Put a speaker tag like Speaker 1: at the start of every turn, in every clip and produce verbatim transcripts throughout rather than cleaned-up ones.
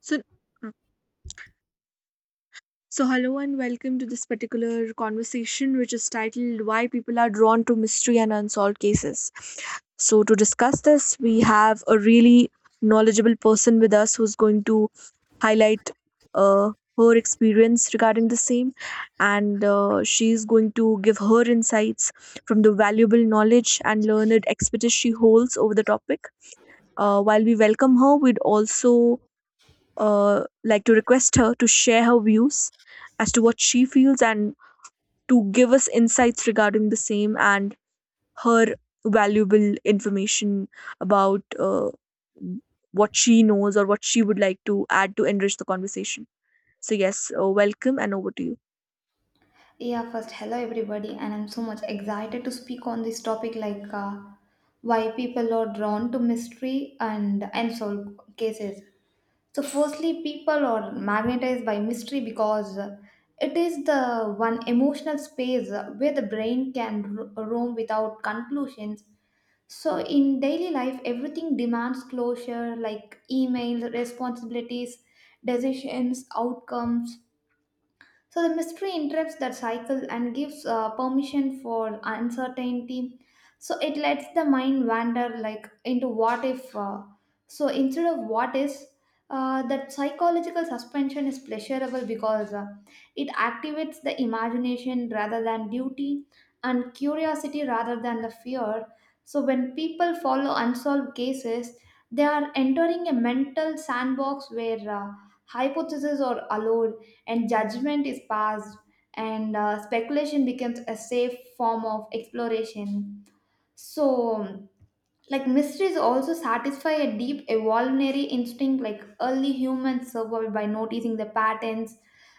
Speaker 1: So, uh, so hello and welcome to this particular conversation, which is titled "Why People Are Drawn to Mystery and Unsolved Cases." So, to discuss this, we have a really knowledgeable person with us who's going to highlight uh, her experience regarding the same, and uh, she's going to give her insights from the valuable knowledge and learned expertise she holds over the topic. Uh, while we welcome her, we'd also uh, like to request her to share her views as to what she feels and to give us insights regarding the same and her valuable information about uh, what she knows or what she would like to add to enrich the conversation. So, yes, uh, welcome and over to you.
Speaker 2: Yeah, first, hello everybody, and I'm so much excited to speak on this topic like uh, why people are drawn to mystery and unsolved cases. So, firstly, people are magnetized by mystery because it is the one emotional space where the brain can ro- roam without conclusions. So, in daily life, everything demands closure like emails, responsibilities, decisions, outcomes, so the mystery interrupts that cycle and gives uh, permission for uncertainty. So it lets the mind wander like into what if. Uh, so instead of what is, uh, that psychological suspension is pleasurable because uh, it activates the imagination rather than duty and curiosity rather than the fear. So when people follow unsolved cases, they are entering a mental sandbox where uh, hypotheses are allowed and judgment is passed and uh, speculation becomes a safe form of exploration, so like mysteries also satisfy a deep evolutionary instinct, like early humans survived by noticing the patterns,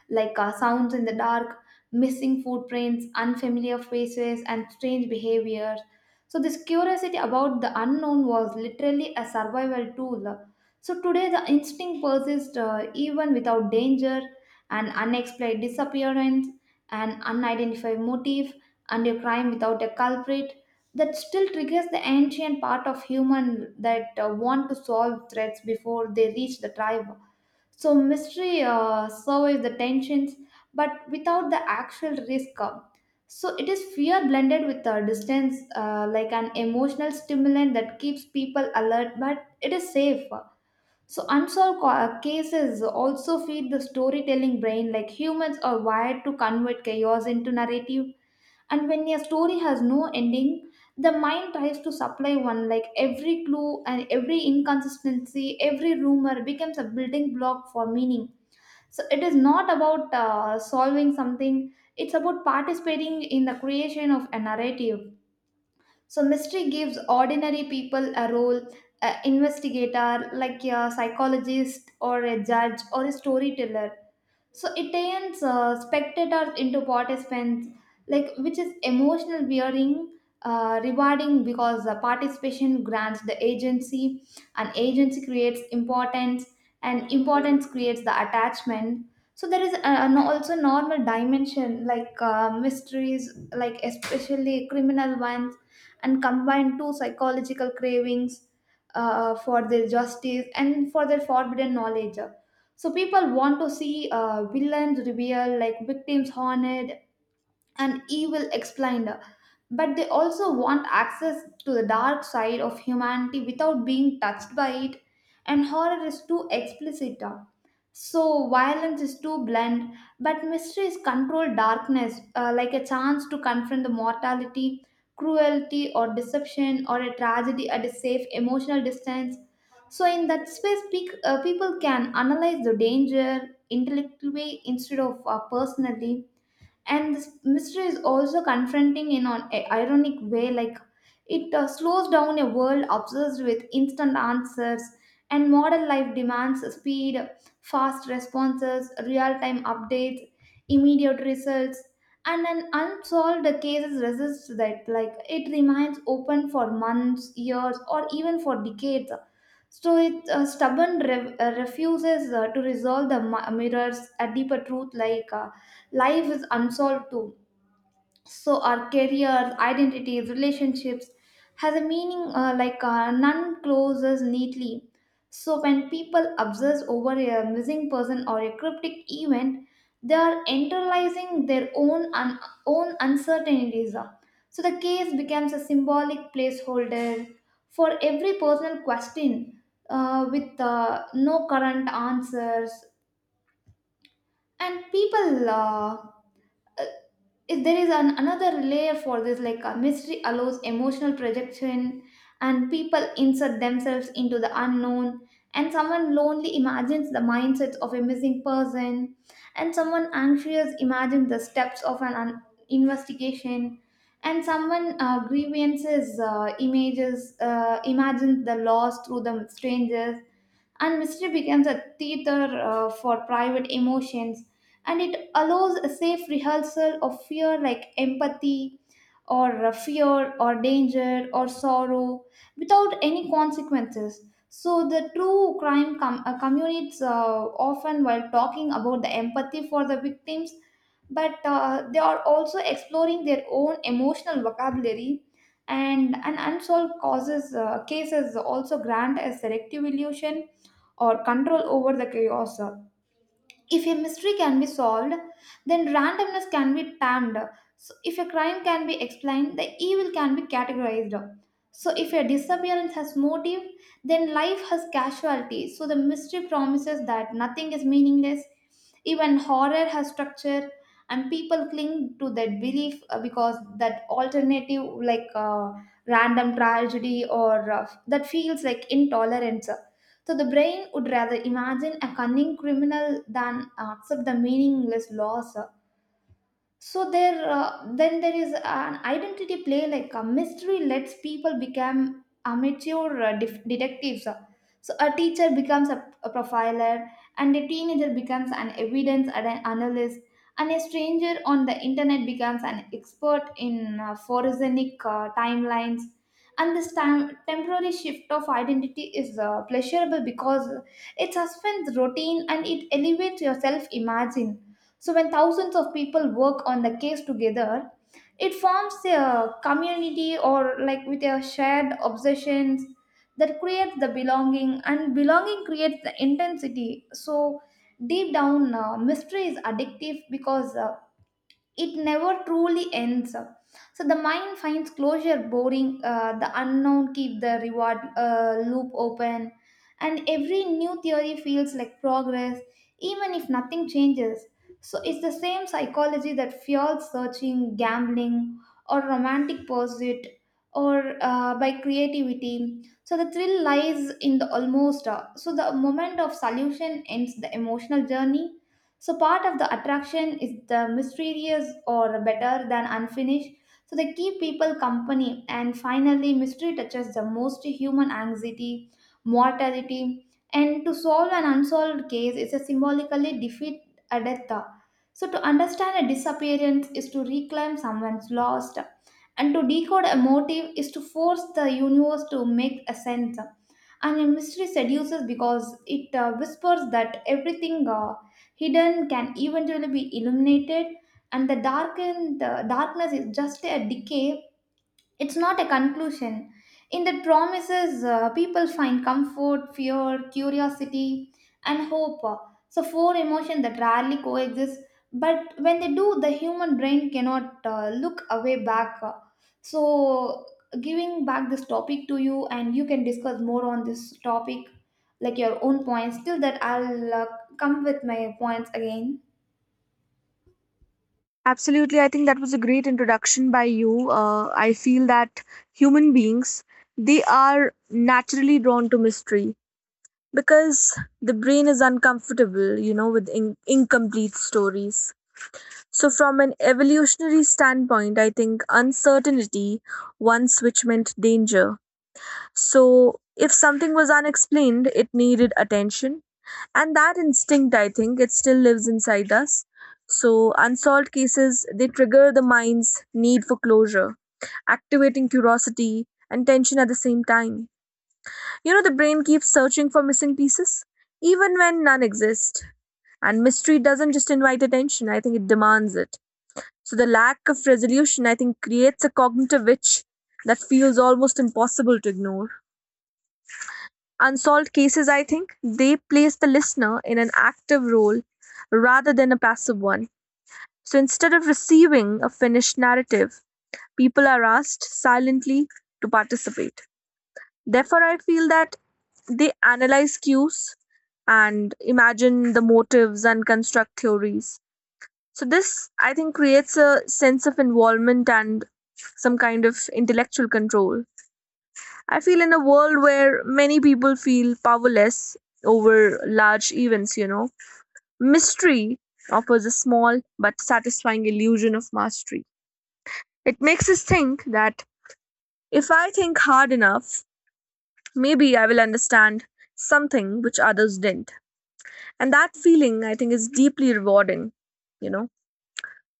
Speaker 2: like uh, sounds in the dark, missing footprints, unfamiliar faces, and strange behaviors. So this curiosity about the unknown was literally a survival tool. So today the instinct persists uh, even without danger, an unexplained disappearance, an unidentified motive, and a crime without a culprit that still triggers the ancient part of human that uh, want to solve threats before they reach the tribe. So mystery uh, survives the tensions, but without the actual risk. uh. So it is fear blended with uh, distance, uh, like an emotional stimulant that keeps people alert, but it is safe. So unsolved co- uh, cases also feed the storytelling brain, like humans are wired to convert chaos into narrative, and when a story has no ending, the mind tries to supply one, like every clue and every inconsistency, every rumor becomes a building block for meaning. So it is not about uh, solving something, it's about participating in the creation of a narrative. So mystery gives ordinary people a role, an investigator like a psychologist or a judge or a storyteller. So it turns uh, spectators into participants, like which is emotional wearing, uh, rewarding because the participation grants the agency, and agency creates importance, and importance creates the attachment. So there is a, an also normal dimension like uh, mysteries, like especially criminal ones, and combine two psychological cravings, uh, for their justice and for their forbidden knowledge. So people want to see uh, villains revealed, like victims haunted and evil explained, but they also want access to the dark side of humanity without being touched by it, and horror is too explicit. uh, So, violence is too blunt, but mystery is controlled darkness, uh, like a chance to confront the mortality, cruelty, or deception, or a tragedy at a safe emotional distance. So, in that space, pe- uh, people can analyze the danger intellectually instead of uh, personally, and this mystery is also confronting in an i- ironic way, like it uh, slows down a world obsessed with instant answers, and modern life demands speed, fast responses, real-time updates, immediate results, and an unsolved cases resists that, like it remains open for months, years, or even for decades. So it uh, stubborn re- uh, refuses uh, to resolve the mi- mirrors a deeper truth, like uh, life is unsolved too. So our careers, identities, relationships has a meaning, uh, like uh, none closes neatly. So when people obsess over a missing person or a cryptic event, they are internalizing their own un- own uncertainties. So the case becomes a symbolic placeholder for every personal question uh, with uh, no current answers. And people uh, if there is an another layer for this, like a mystery allows emotional projection, and people insert themselves into the unknown, and someone lonely imagines the mindsets of a missing person, and someone anxious imagines the steps of an un- investigation, and someone uh, grievances uh, images uh, imagines the loss through the strangers, and mystery becomes a theater uh, for private emotions, and it allows a safe rehearsal of fear, like empathy or uh, fear or danger or sorrow without any consequences. So the true crime com- uh, communities uh, often while talking about the empathy for the victims, but uh, they are also exploring their own emotional vocabulary. And an unsolved causes uh, cases also grant a selective illusion or control over the chaos. If a mystery can be solved, then randomness can be tamed. So if a crime can be explained, the evil can be categorized. So if a disappearance has motive, then life has casualty. So the mystery promises that nothing is meaningless. Even horror has structure, and people cling to that belief uh, because that alternative, like uh, random tragedy, or uh, that feels like intolerance. So the brain would rather imagine a cunning criminal than accept the meaningless loss. So there uh, then there is an identity play, like a mystery lets people become amateur uh, def- detectives. So a teacher becomes a, a profiler, and a teenager becomes an evidence and an analyst, and a stranger on the internet becomes an expert in uh, forensic uh, timelines, and this time temporary shift of identity is uh, pleasurable because it suspends routine and it elevates your self imagine. So, when thousands of people work on the case together, it forms a community or like with a shared obsessions that creates the belonging, and belonging creates the intensity. So, deep down, uh, mystery is addictive because uh, it never truly ends. So the mind finds closure boring, uh, the unknown keep the reward uh, loop open, and every new theory feels like progress even if nothing changes. So it's the same psychology that fuels searching, gambling, or romantic pursuit, or uh, by creativity. So the thrill lies in the almost, uh, so the moment of solution ends the emotional journey. So part of the attraction is the mysterious or better than unfinished. So they keep people company, and finally mystery touches the most human anxiety, mortality, and to solve an unsolved case is a symbolically defeat a death. So to understand a disappearance is to reclaim someone's lost, and to decode a motive is to force the universe to make a sense, and a mystery seduces because it uh, whispers that everything uh, hidden can eventually be illuminated, and the darkened the darkness is just a decay, it's not a conclusion. In that promises, uh, people find comfort, fear, curiosity, and hope. So, four emotions that rarely coexist. But when they do, the human brain cannot uh, look away back. So, giving back this topic to you, and you can discuss more on this topic, like your own points. Till that, I'll uh, come with my points again.
Speaker 1: Absolutely. I think that was a great introduction by you. Uh, I feel that human beings, they are naturally drawn to mystery, because the brain is uncomfortable, you know, with in- incomplete stories. So, from an evolutionary standpoint, I think uncertainty once which meant danger. So, if something was unexplained, it needed attention. And that instinct, I think, it still lives inside us. So, unsolved cases, they trigger the mind's need for closure, activating curiosity and tension at the same time. You know, the brain keeps searching for missing pieces, even when none exist. And mystery doesn't just invite attention, I think it demands it. So, the lack of resolution, I think, creates a cognitive itch that feels almost impossible to ignore. Unsolved cases, I think, they place the listener in an active role rather than a passive one. So, instead of receiving a finished narrative, people are asked silently to participate. Therefore, I feel that they analyze cues and imagine the motives and construct theories. So, this I think creates a sense of involvement and some kind of intellectual control. I feel in a world where many people feel powerless over large events, you know, mystery offers a small but satisfying illusion of mastery. It makes us think that if I think hard enough, maybe I will understand something which others didn't. And that feeling, I think, is deeply rewarding, you know.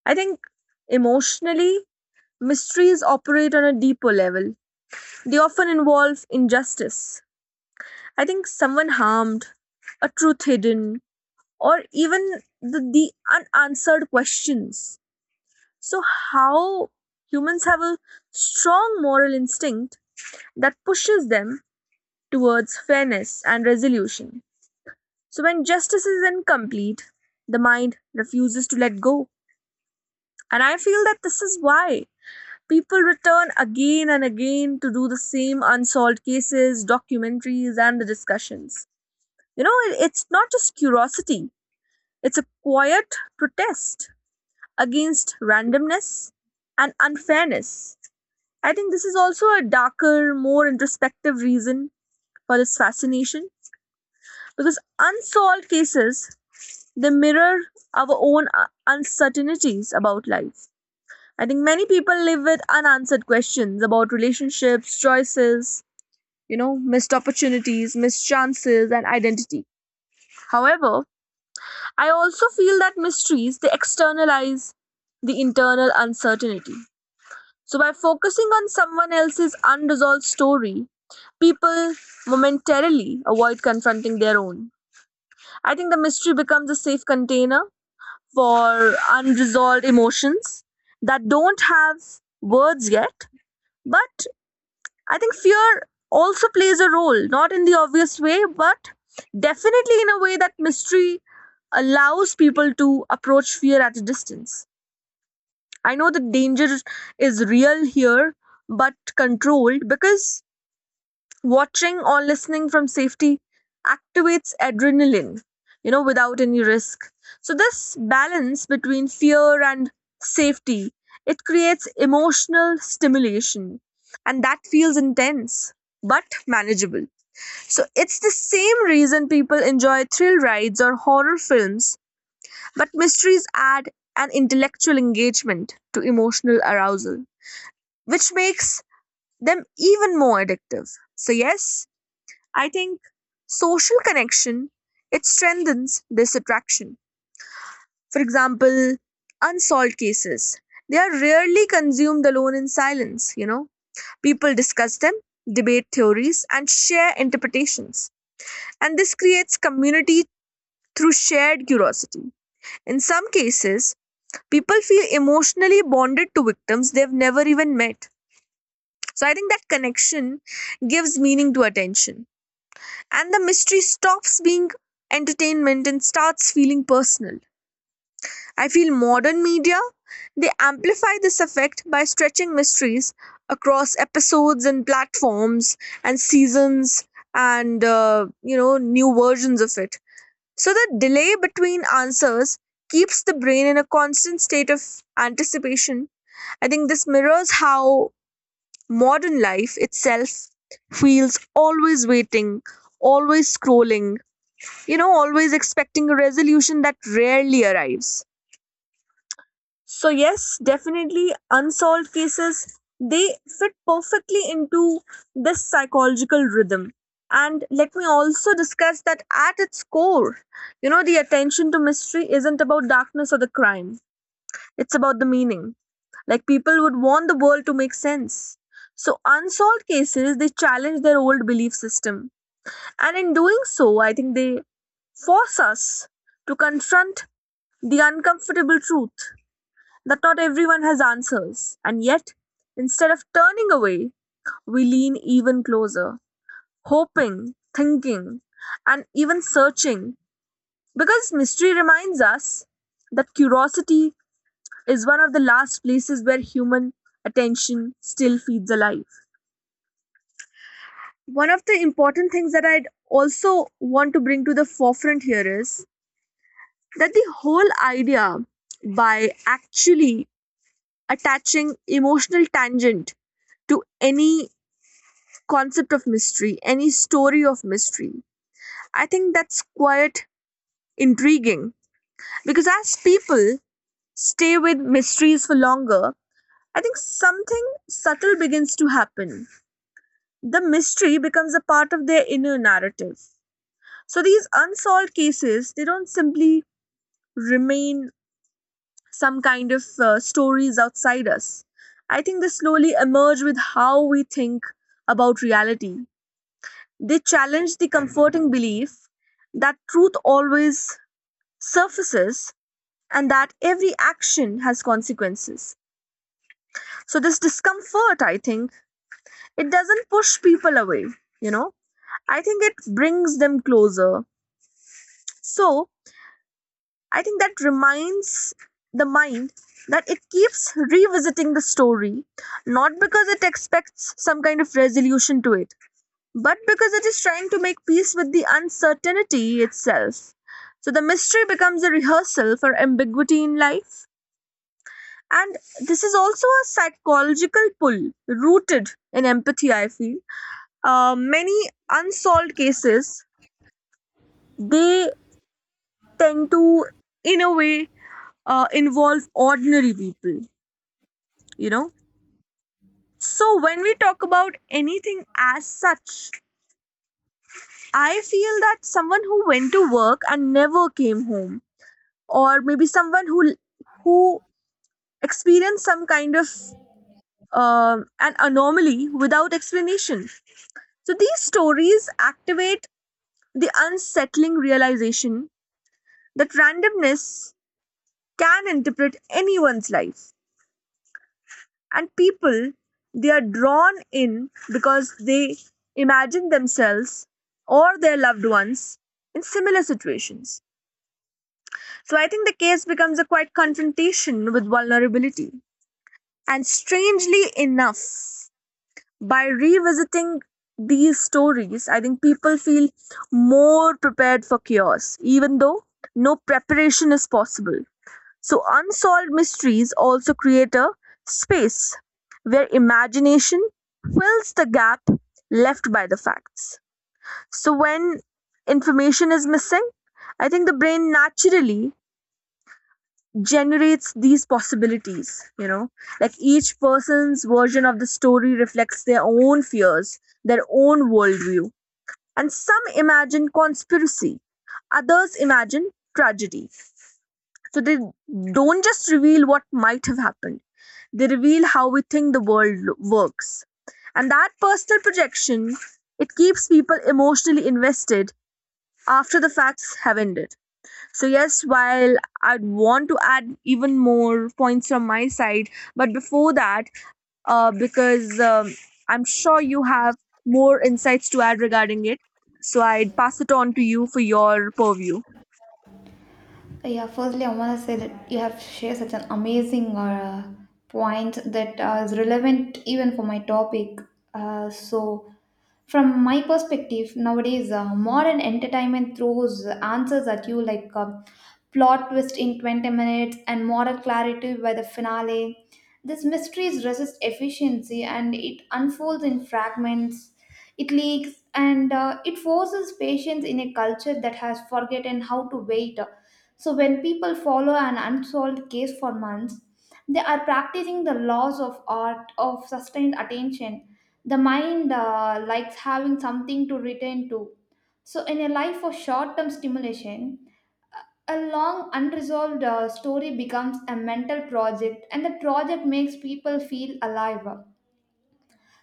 Speaker 1: I think emotionally mysteries operate on a deeper level. They often involve injustice, I think, someone harmed, a truth hidden, or even the, the unanswered questions. So how humans have a strong moral instinct that pushes them towards fairness and resolution. So when justice is incomplete, the mind refuses to let go. And I feel that this is why people return again and again to do the same unsolved cases, documentaries, and the discussions. You know, it- it's not just curiosity, it's a quiet protest against randomness and unfairness. I think this is also a darker, more introspective reason for this fascination, because unsolved cases, they mirror our own uh, uncertainties about life. I think many people live with unanswered questions about relationships, choices, you know, missed opportunities, missed chances, and identity. However, I also feel that mysteries, they externalize the internal uncertainty. So by focusing on someone else's unresolved story, people momentarily avoid confronting their own. I think the mystery becomes a safe container for unresolved emotions that don't have words yet. But I think fear also plays a role, not in the obvious way, but definitely in a way that mystery allows people to approach fear at a distance. I know the danger is real here, but controlled, because watching or listening from safety activates adrenaline, you know, without any risk. So this balance between fear and safety, it creates emotional stimulation, and that feels intense but manageable. So it's the same reason people enjoy thrill rides or horror films, but mysteries add an intellectual engagement to emotional arousal, which makes them even more addictive. So, yes, I think social connection, it strengthens this attraction. For example, unsolved cases, they are rarely consumed alone in silence. You know, people discuss them, debate theories, and share interpretations, and this creates community through shared curiosity. In some cases, people feel emotionally bonded to victims they've never even met. So I think that connection gives meaning to attention, and the mystery stops being entertainment and starts feeling personal. I feel modern media, they amplify this effect by stretching mysteries across episodes and platforms and seasons and uh, you know, new versions of it. So the delay between answers keeps the brain in a constant state of anticipation. I think this mirrors how modern life itself feels always waiting, always scrolling, you know, always expecting a resolution that rarely arrives. So, yes, definitely unsolved cases, they fit perfectly into this psychological rhythm. And let me also discuss that at its core, you know, the attention to mystery isn't about darkness or the crime, it's about the meaning. Like, people would want the world to make sense. So, unsolved cases, they challenge their old belief system. And in doing so, I think they force us to confront the uncomfortable truth that not everyone has answers. And yet, instead of turning away, we lean even closer, hoping, thinking, and even searching. Because mystery reminds us that curiosity is one of the last places where human attention still feeds alive. One of the important things that I'd also want to bring to the forefront here is that the whole idea by actually attaching emotional tangent to any concept of mystery, any story of mystery, I think that's quite intriguing, because as people stay with mysteries for longer, I think something subtle begins to happen. The mystery becomes a part of their inner narrative. So these unsolved cases, they don't simply remain some kind of uh, stories outside us. I think they slowly emerge with how we think about reality. They challenge the comforting belief that truth always surfaces and that every action has consequences. So, this discomfort, I think, it doesn't push people away, you know, I think it brings them closer. So, I think that reminds the mind that it keeps revisiting the story, not because it expects some kind of resolution to it, but because it is trying to make peace with the uncertainty itself. So the mystery becomes a rehearsal for ambiguity in life. And this is also a psychological pull rooted in empathy, I feel. Uh, many unsolved cases, they tend to, in a way, uh, involve ordinary people, you know. So when we talk about anything as such, I feel that someone who went to work and never came home, or maybe someone who who experienced some kind of um an anomaly without explanation. So these stories activate the unsettling realization that randomness can interpret anyone's life, and people, they are drawn in because they imagine themselves or their loved ones in similar situations. So I think the case becomes a quite confrontation with vulnerability, and strangely enough, by revisiting these stories, I think people feel more prepared for chaos, even though no preparation is possible. So, unsolved mysteries also create a space where imagination fills the gap left by the facts. So, when information is missing, I think the brain naturally generates these possibilities, you know, like each person's version of the story reflects their own fears, their own worldview. And some imagine conspiracy, others imagine tragedy. So they don't just reveal what might have happened, they reveal how we think the world lo- works. And that personal projection, it keeps people emotionally invested after the facts have ended. So yes, while I'd want to add even more points from my side, but before that, uh, because um, I'm sure you have more insights to add regarding it, so I'd pass it on to you for your purview.
Speaker 2: Uh, Yeah, firstly, I want to say that you have shared such an amazing uh, point that uh, is relevant even for my topic. Uh, so, from my perspective, nowadays, uh, modern entertainment throws answers at you like uh, plot twist in twenty minutes and moral clarity by the finale. This mysteries resist efficiency and it unfolds in fragments, it leaks, and uh, it forces patience in a culture that has forgotten how to wait. So, when people follow an unsolved case for months, they are practicing the laws of art of sustained attention. The mind uh, likes having something to return to. So, in a life of short term stimulation, a long unresolved uh, story becomes a mental project, and the project makes people feel alive.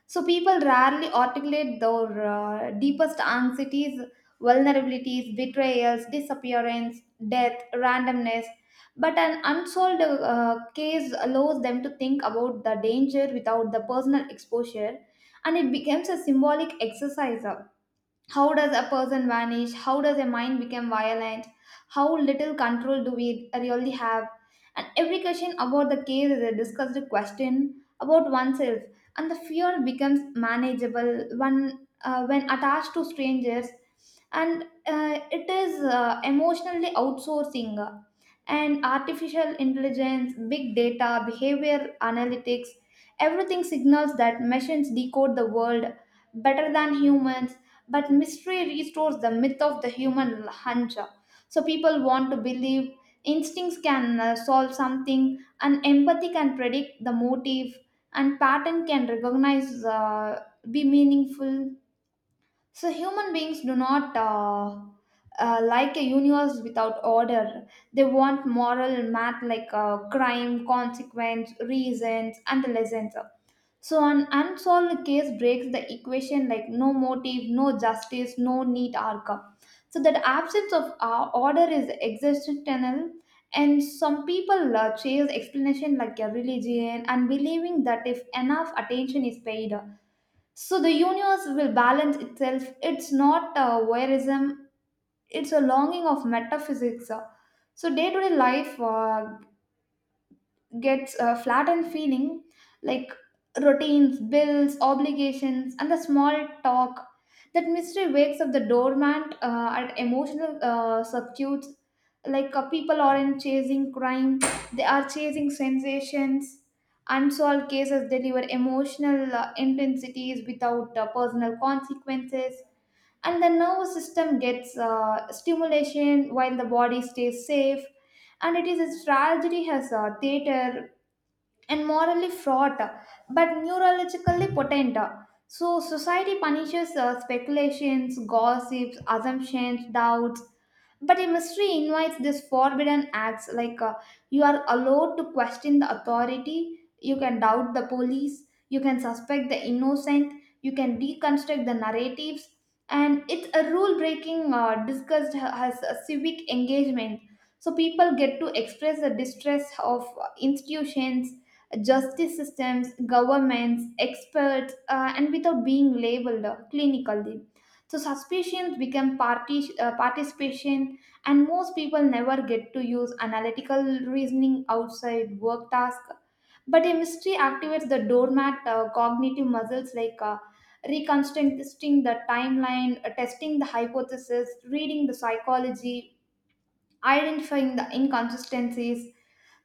Speaker 2: So people rarely articulate their uh, deepest anxieties, vulnerabilities, betrayals, disappearance, death, randomness. But an unsolved uh, case allows them to think about the danger without the personal exposure, and it becomes a symbolic exercise. How does a person vanish? How does a mind become violent? How little control do we really have? And every question about the case is a discussed question about oneself, and the fear becomes manageable when, uh, when attached to strangers, and uh, it is uh, emotionally outsourcing. And artificial intelligence, big data, behavior analytics, everything signals that machines decode the world better than humans, but mystery restores the myth of the human hunch. So people want to believe instincts can uh, solve something, and empathy can predict the motive, and pattern can recognize uh, be meaningful. So human beings do not uh, uh, like a universe without order. They want moral math like uh, crime, consequence, reasons, and lessons. So an unsolved case breaks the equation like no motive, no justice, no neat outcome. So that absence of uh, order is existential, and some people uh, chase explanation like a religion and believing that if enough attention is paid, uh, so the universe will balance itself. It's not uh, voyeurism; it's a longing of metaphysics. So day-to-day life uh, gets uh, flattened feeling like routines, bills, obligations, and the small talk. That mystery wakes up the dormant uh, at emotional uh, substitutes. Like uh, people aren't chasing crime, they are chasing sensations. Unsolved cases deliver emotional uh, intensities without uh, personal consequences. And the nervous system gets uh, stimulation while the body stays safe, and it is a tragedy has a theater, and morally fraught but neurologically potent. So society punishes uh, speculations, gossips, assumptions, doubts, but a mystery invites this forbidden acts like uh, you are allowed to question the authority, you can doubt the police, you can suspect the innocent, you can deconstruct the narratives, and it's a rule breaking uh, discussed ha- as a civic engagement. So people get to express the distress of institutions, justice systems, governments, experts, uh, and without being labeled uh, clinically. So suspicions become parti- uh, participation, and most people never get to use analytical reasoning outside work task, but a mystery activates the doormat uh, cognitive muscles like uh, reconstructing the timeline, uh, testing the hypothesis, reading the psychology, identifying the inconsistencies.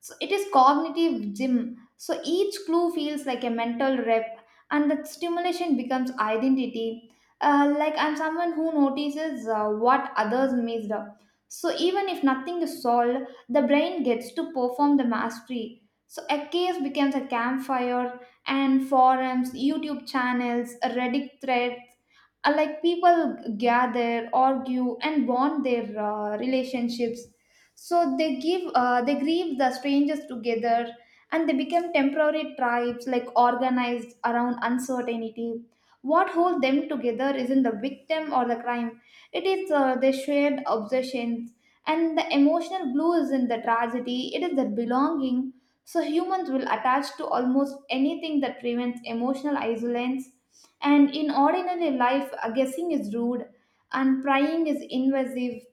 Speaker 2: So it is cognitive gym. So each clue feels like a mental rep, and the stimulation becomes identity. Uh, like I'm someone who notices uh, what others missed. So even if nothing is solved, the brain gets to perform the mastery. So a case becomes a campfire, and forums, YouTube channels, Reddit threads. uh, Like people gather, argue, and bond their uh, relationships, so they give uh, they grieve the strangers together, and they become temporary tribes like organized around uncertainty. What holds them together isn't the victim or the crime, it is uh, their shared obsessions, and the emotional glue is in the tragedy, it is their belonging. So humans will attach to almost anything that prevents emotional isolation. And in ordinary life, uh, guessing is rude, and prying is invasive,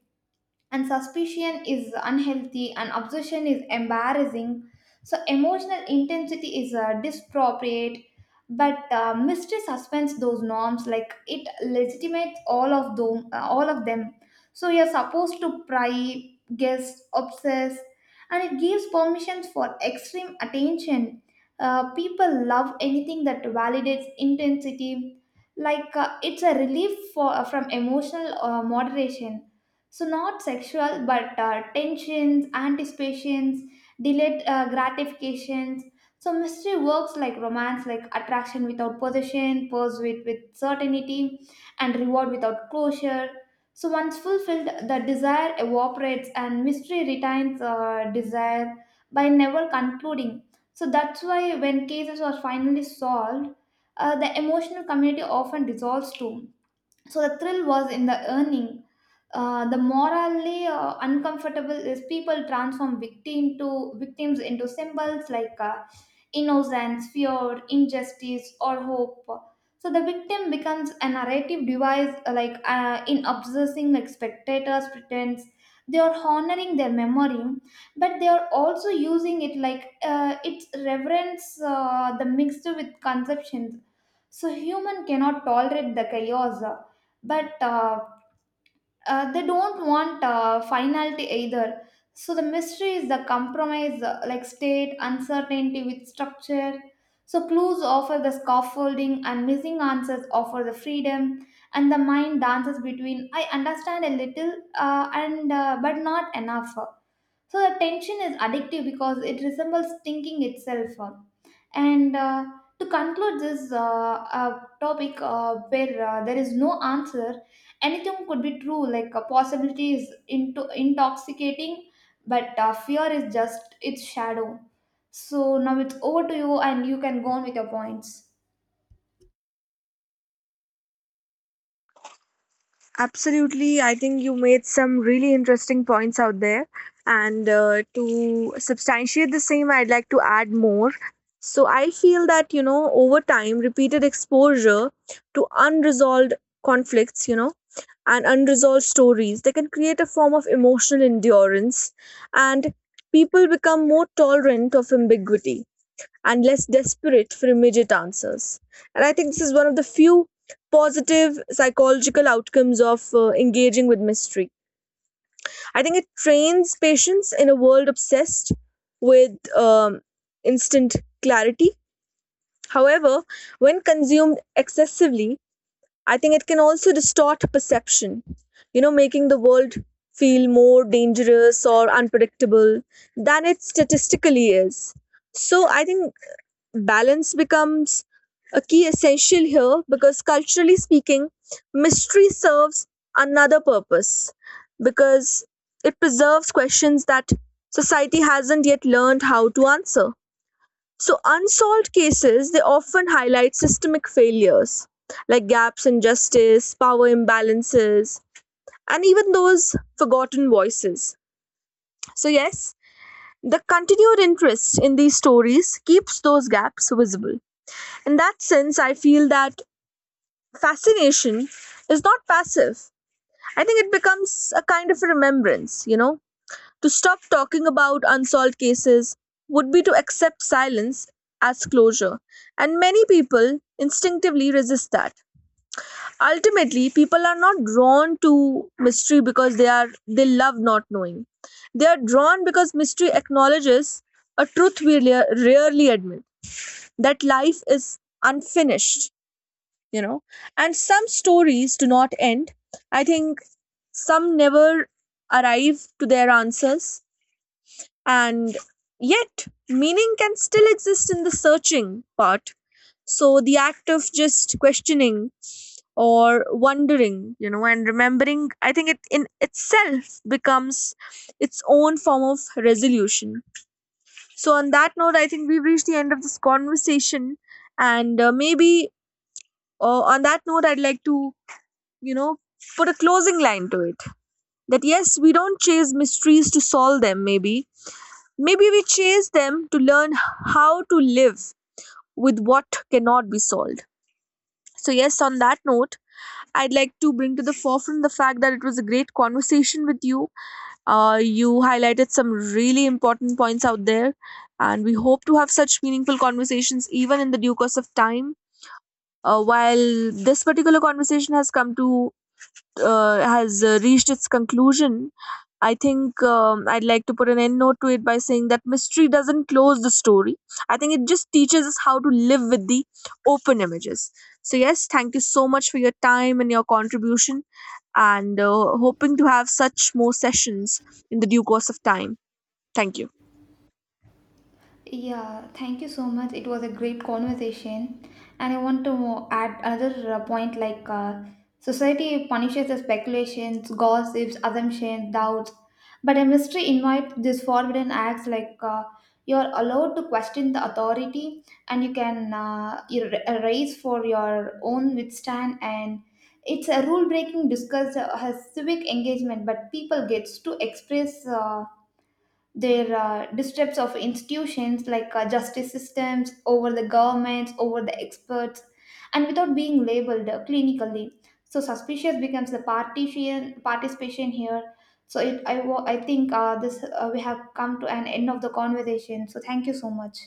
Speaker 2: and suspicion is unhealthy, and obsession is embarrassing. So emotional intensity is uh, disproportionate, but uh, mystery suspends those norms, like it legitimates all of them, uh, all of them. So you're supposed to pry, guess, obsess, and it gives permissions for extreme attention. Uh, people love anything that validates intensity, like uh, it's a relief for, uh, from emotional uh, moderation. So not sexual but uh, tensions, anticipations, delayed uh, gratifications. So mystery works like romance, like attraction without possession, pursuit with with certainty, and reward without closure. So once fulfilled, the desire evaporates, and mystery retains uh, desire by never concluding. So that's why when cases are finally solved, uh, the emotional community often dissolves too. So the thrill was in the earning. Uh, the morally uh, uncomfortable is people transform victim to victims into symbols like uh, innocence, fear, injustice, or hope. So the victim becomes a narrative device, uh, like uh, in obsessing, like spectators pretends they are honoring their memory, but they are also using it like uh, its reverence, uh, the mixed with conceptions. So human cannot tolerate the chaos, but uh, uh, they don't want uh, finality either. So the mystery is the compromise, uh, like state uncertainty with structure. So clues offer the scaffolding and missing answers offer the freedom, and the mind dances between I understand a little uh, and uh, but not enough. So the tension is addictive because it resembles thinking itself. And uh, To conclude this uh, uh, topic, uh, where uh, there is no answer, anything could be true. Like a possibility is into intoxicating, but uh, fear is just its shadow. So now it's over to you, and you can go on with your points.
Speaker 1: Absolutely. I think you made some really interesting points out there. And uh, to substantiate the same, I'd like to add more. So I feel that, you know, over time, repeated exposure to unresolved conflicts, you know, and unresolved stories, they can create a form of emotional endurance. And people become more tolerant of ambiguity and less desperate for immediate answers. And I think this is one of the few positive psychological outcomes of uh, engaging with mystery. I think it trains patience in a world obsessed with um, instant clarity. However, when consumed excessively, I think it can also distort perception, you know, making the world feel more dangerous or unpredictable than it statistically is. So I think balance becomes a key essential here, because culturally speaking, mystery serves another purpose, because it preserves questions that society hasn't yet learned how to answer. So unsolved cases, they often highlight systemic failures, like gaps in justice, power imbalances, and even those forgotten voices. So yes, the continued interest in these stories keeps those gaps visible. In that sense, I feel that fascination is not passive. I think it becomes a kind of a remembrance, you know. To stop talking about unsolved cases would be to accept silence as closure. And many people instinctively resist that. Ultimately, people are not drawn to mystery because they are they love not knowing. They are drawn because mystery acknowledges a truth we rare- rarely admit, that life is unfinished, you know, and some stories do not end. I think some never arrive to their answers, and yet meaning can still exist in the searching part. So the act of just questioning or wondering, you know, and remembering, I think it in itself becomes its own form of resolution. So on that note, I think we've reached the end of this conversation, and uh, maybe uh, on that note, I'd like to, you know, put a closing line to it. That yes, we don't chase mysteries to solve them, maybe. Maybe we chase them to learn how to live with what cannot be solved. So, yes, on that note, I'd like to bring to the forefront the fact that it was a great conversation with you. Uh, you highlighted some really important points out there, and we hope to have such meaningful conversations even in the due course of time. Uh, while this particular conversation has come to uh, has uh, reached its conclusion, I think um, I'd like to put an end note to it by saying that mystery doesn't close the story. I think it just teaches us how to live with the open images. So, yes, thank you so much for your time and your contribution, and uh, hoping to have such more sessions in the due course of time. Thank you.
Speaker 2: Yeah, thank you so much. It was a great conversation. And I want to add another uh, point like uh, society punishes the speculations, gossips, assumptions, doubts. But a mystery invites these forbidden acts like uh, you're allowed to question the authority, and you can uh, you ra- raise for your own withstand. And it's a rule breaking discuss uh, has civic engagement, but people gets to express. Uh, their uh, distrust of institutions like uh, justice systems over the governments over the experts, and without being labeled uh, clinically. So suspicious becomes the partition participation here. So it, I, wa- I think uh, this uh, we have come to an end of the conversation, so thank you so much.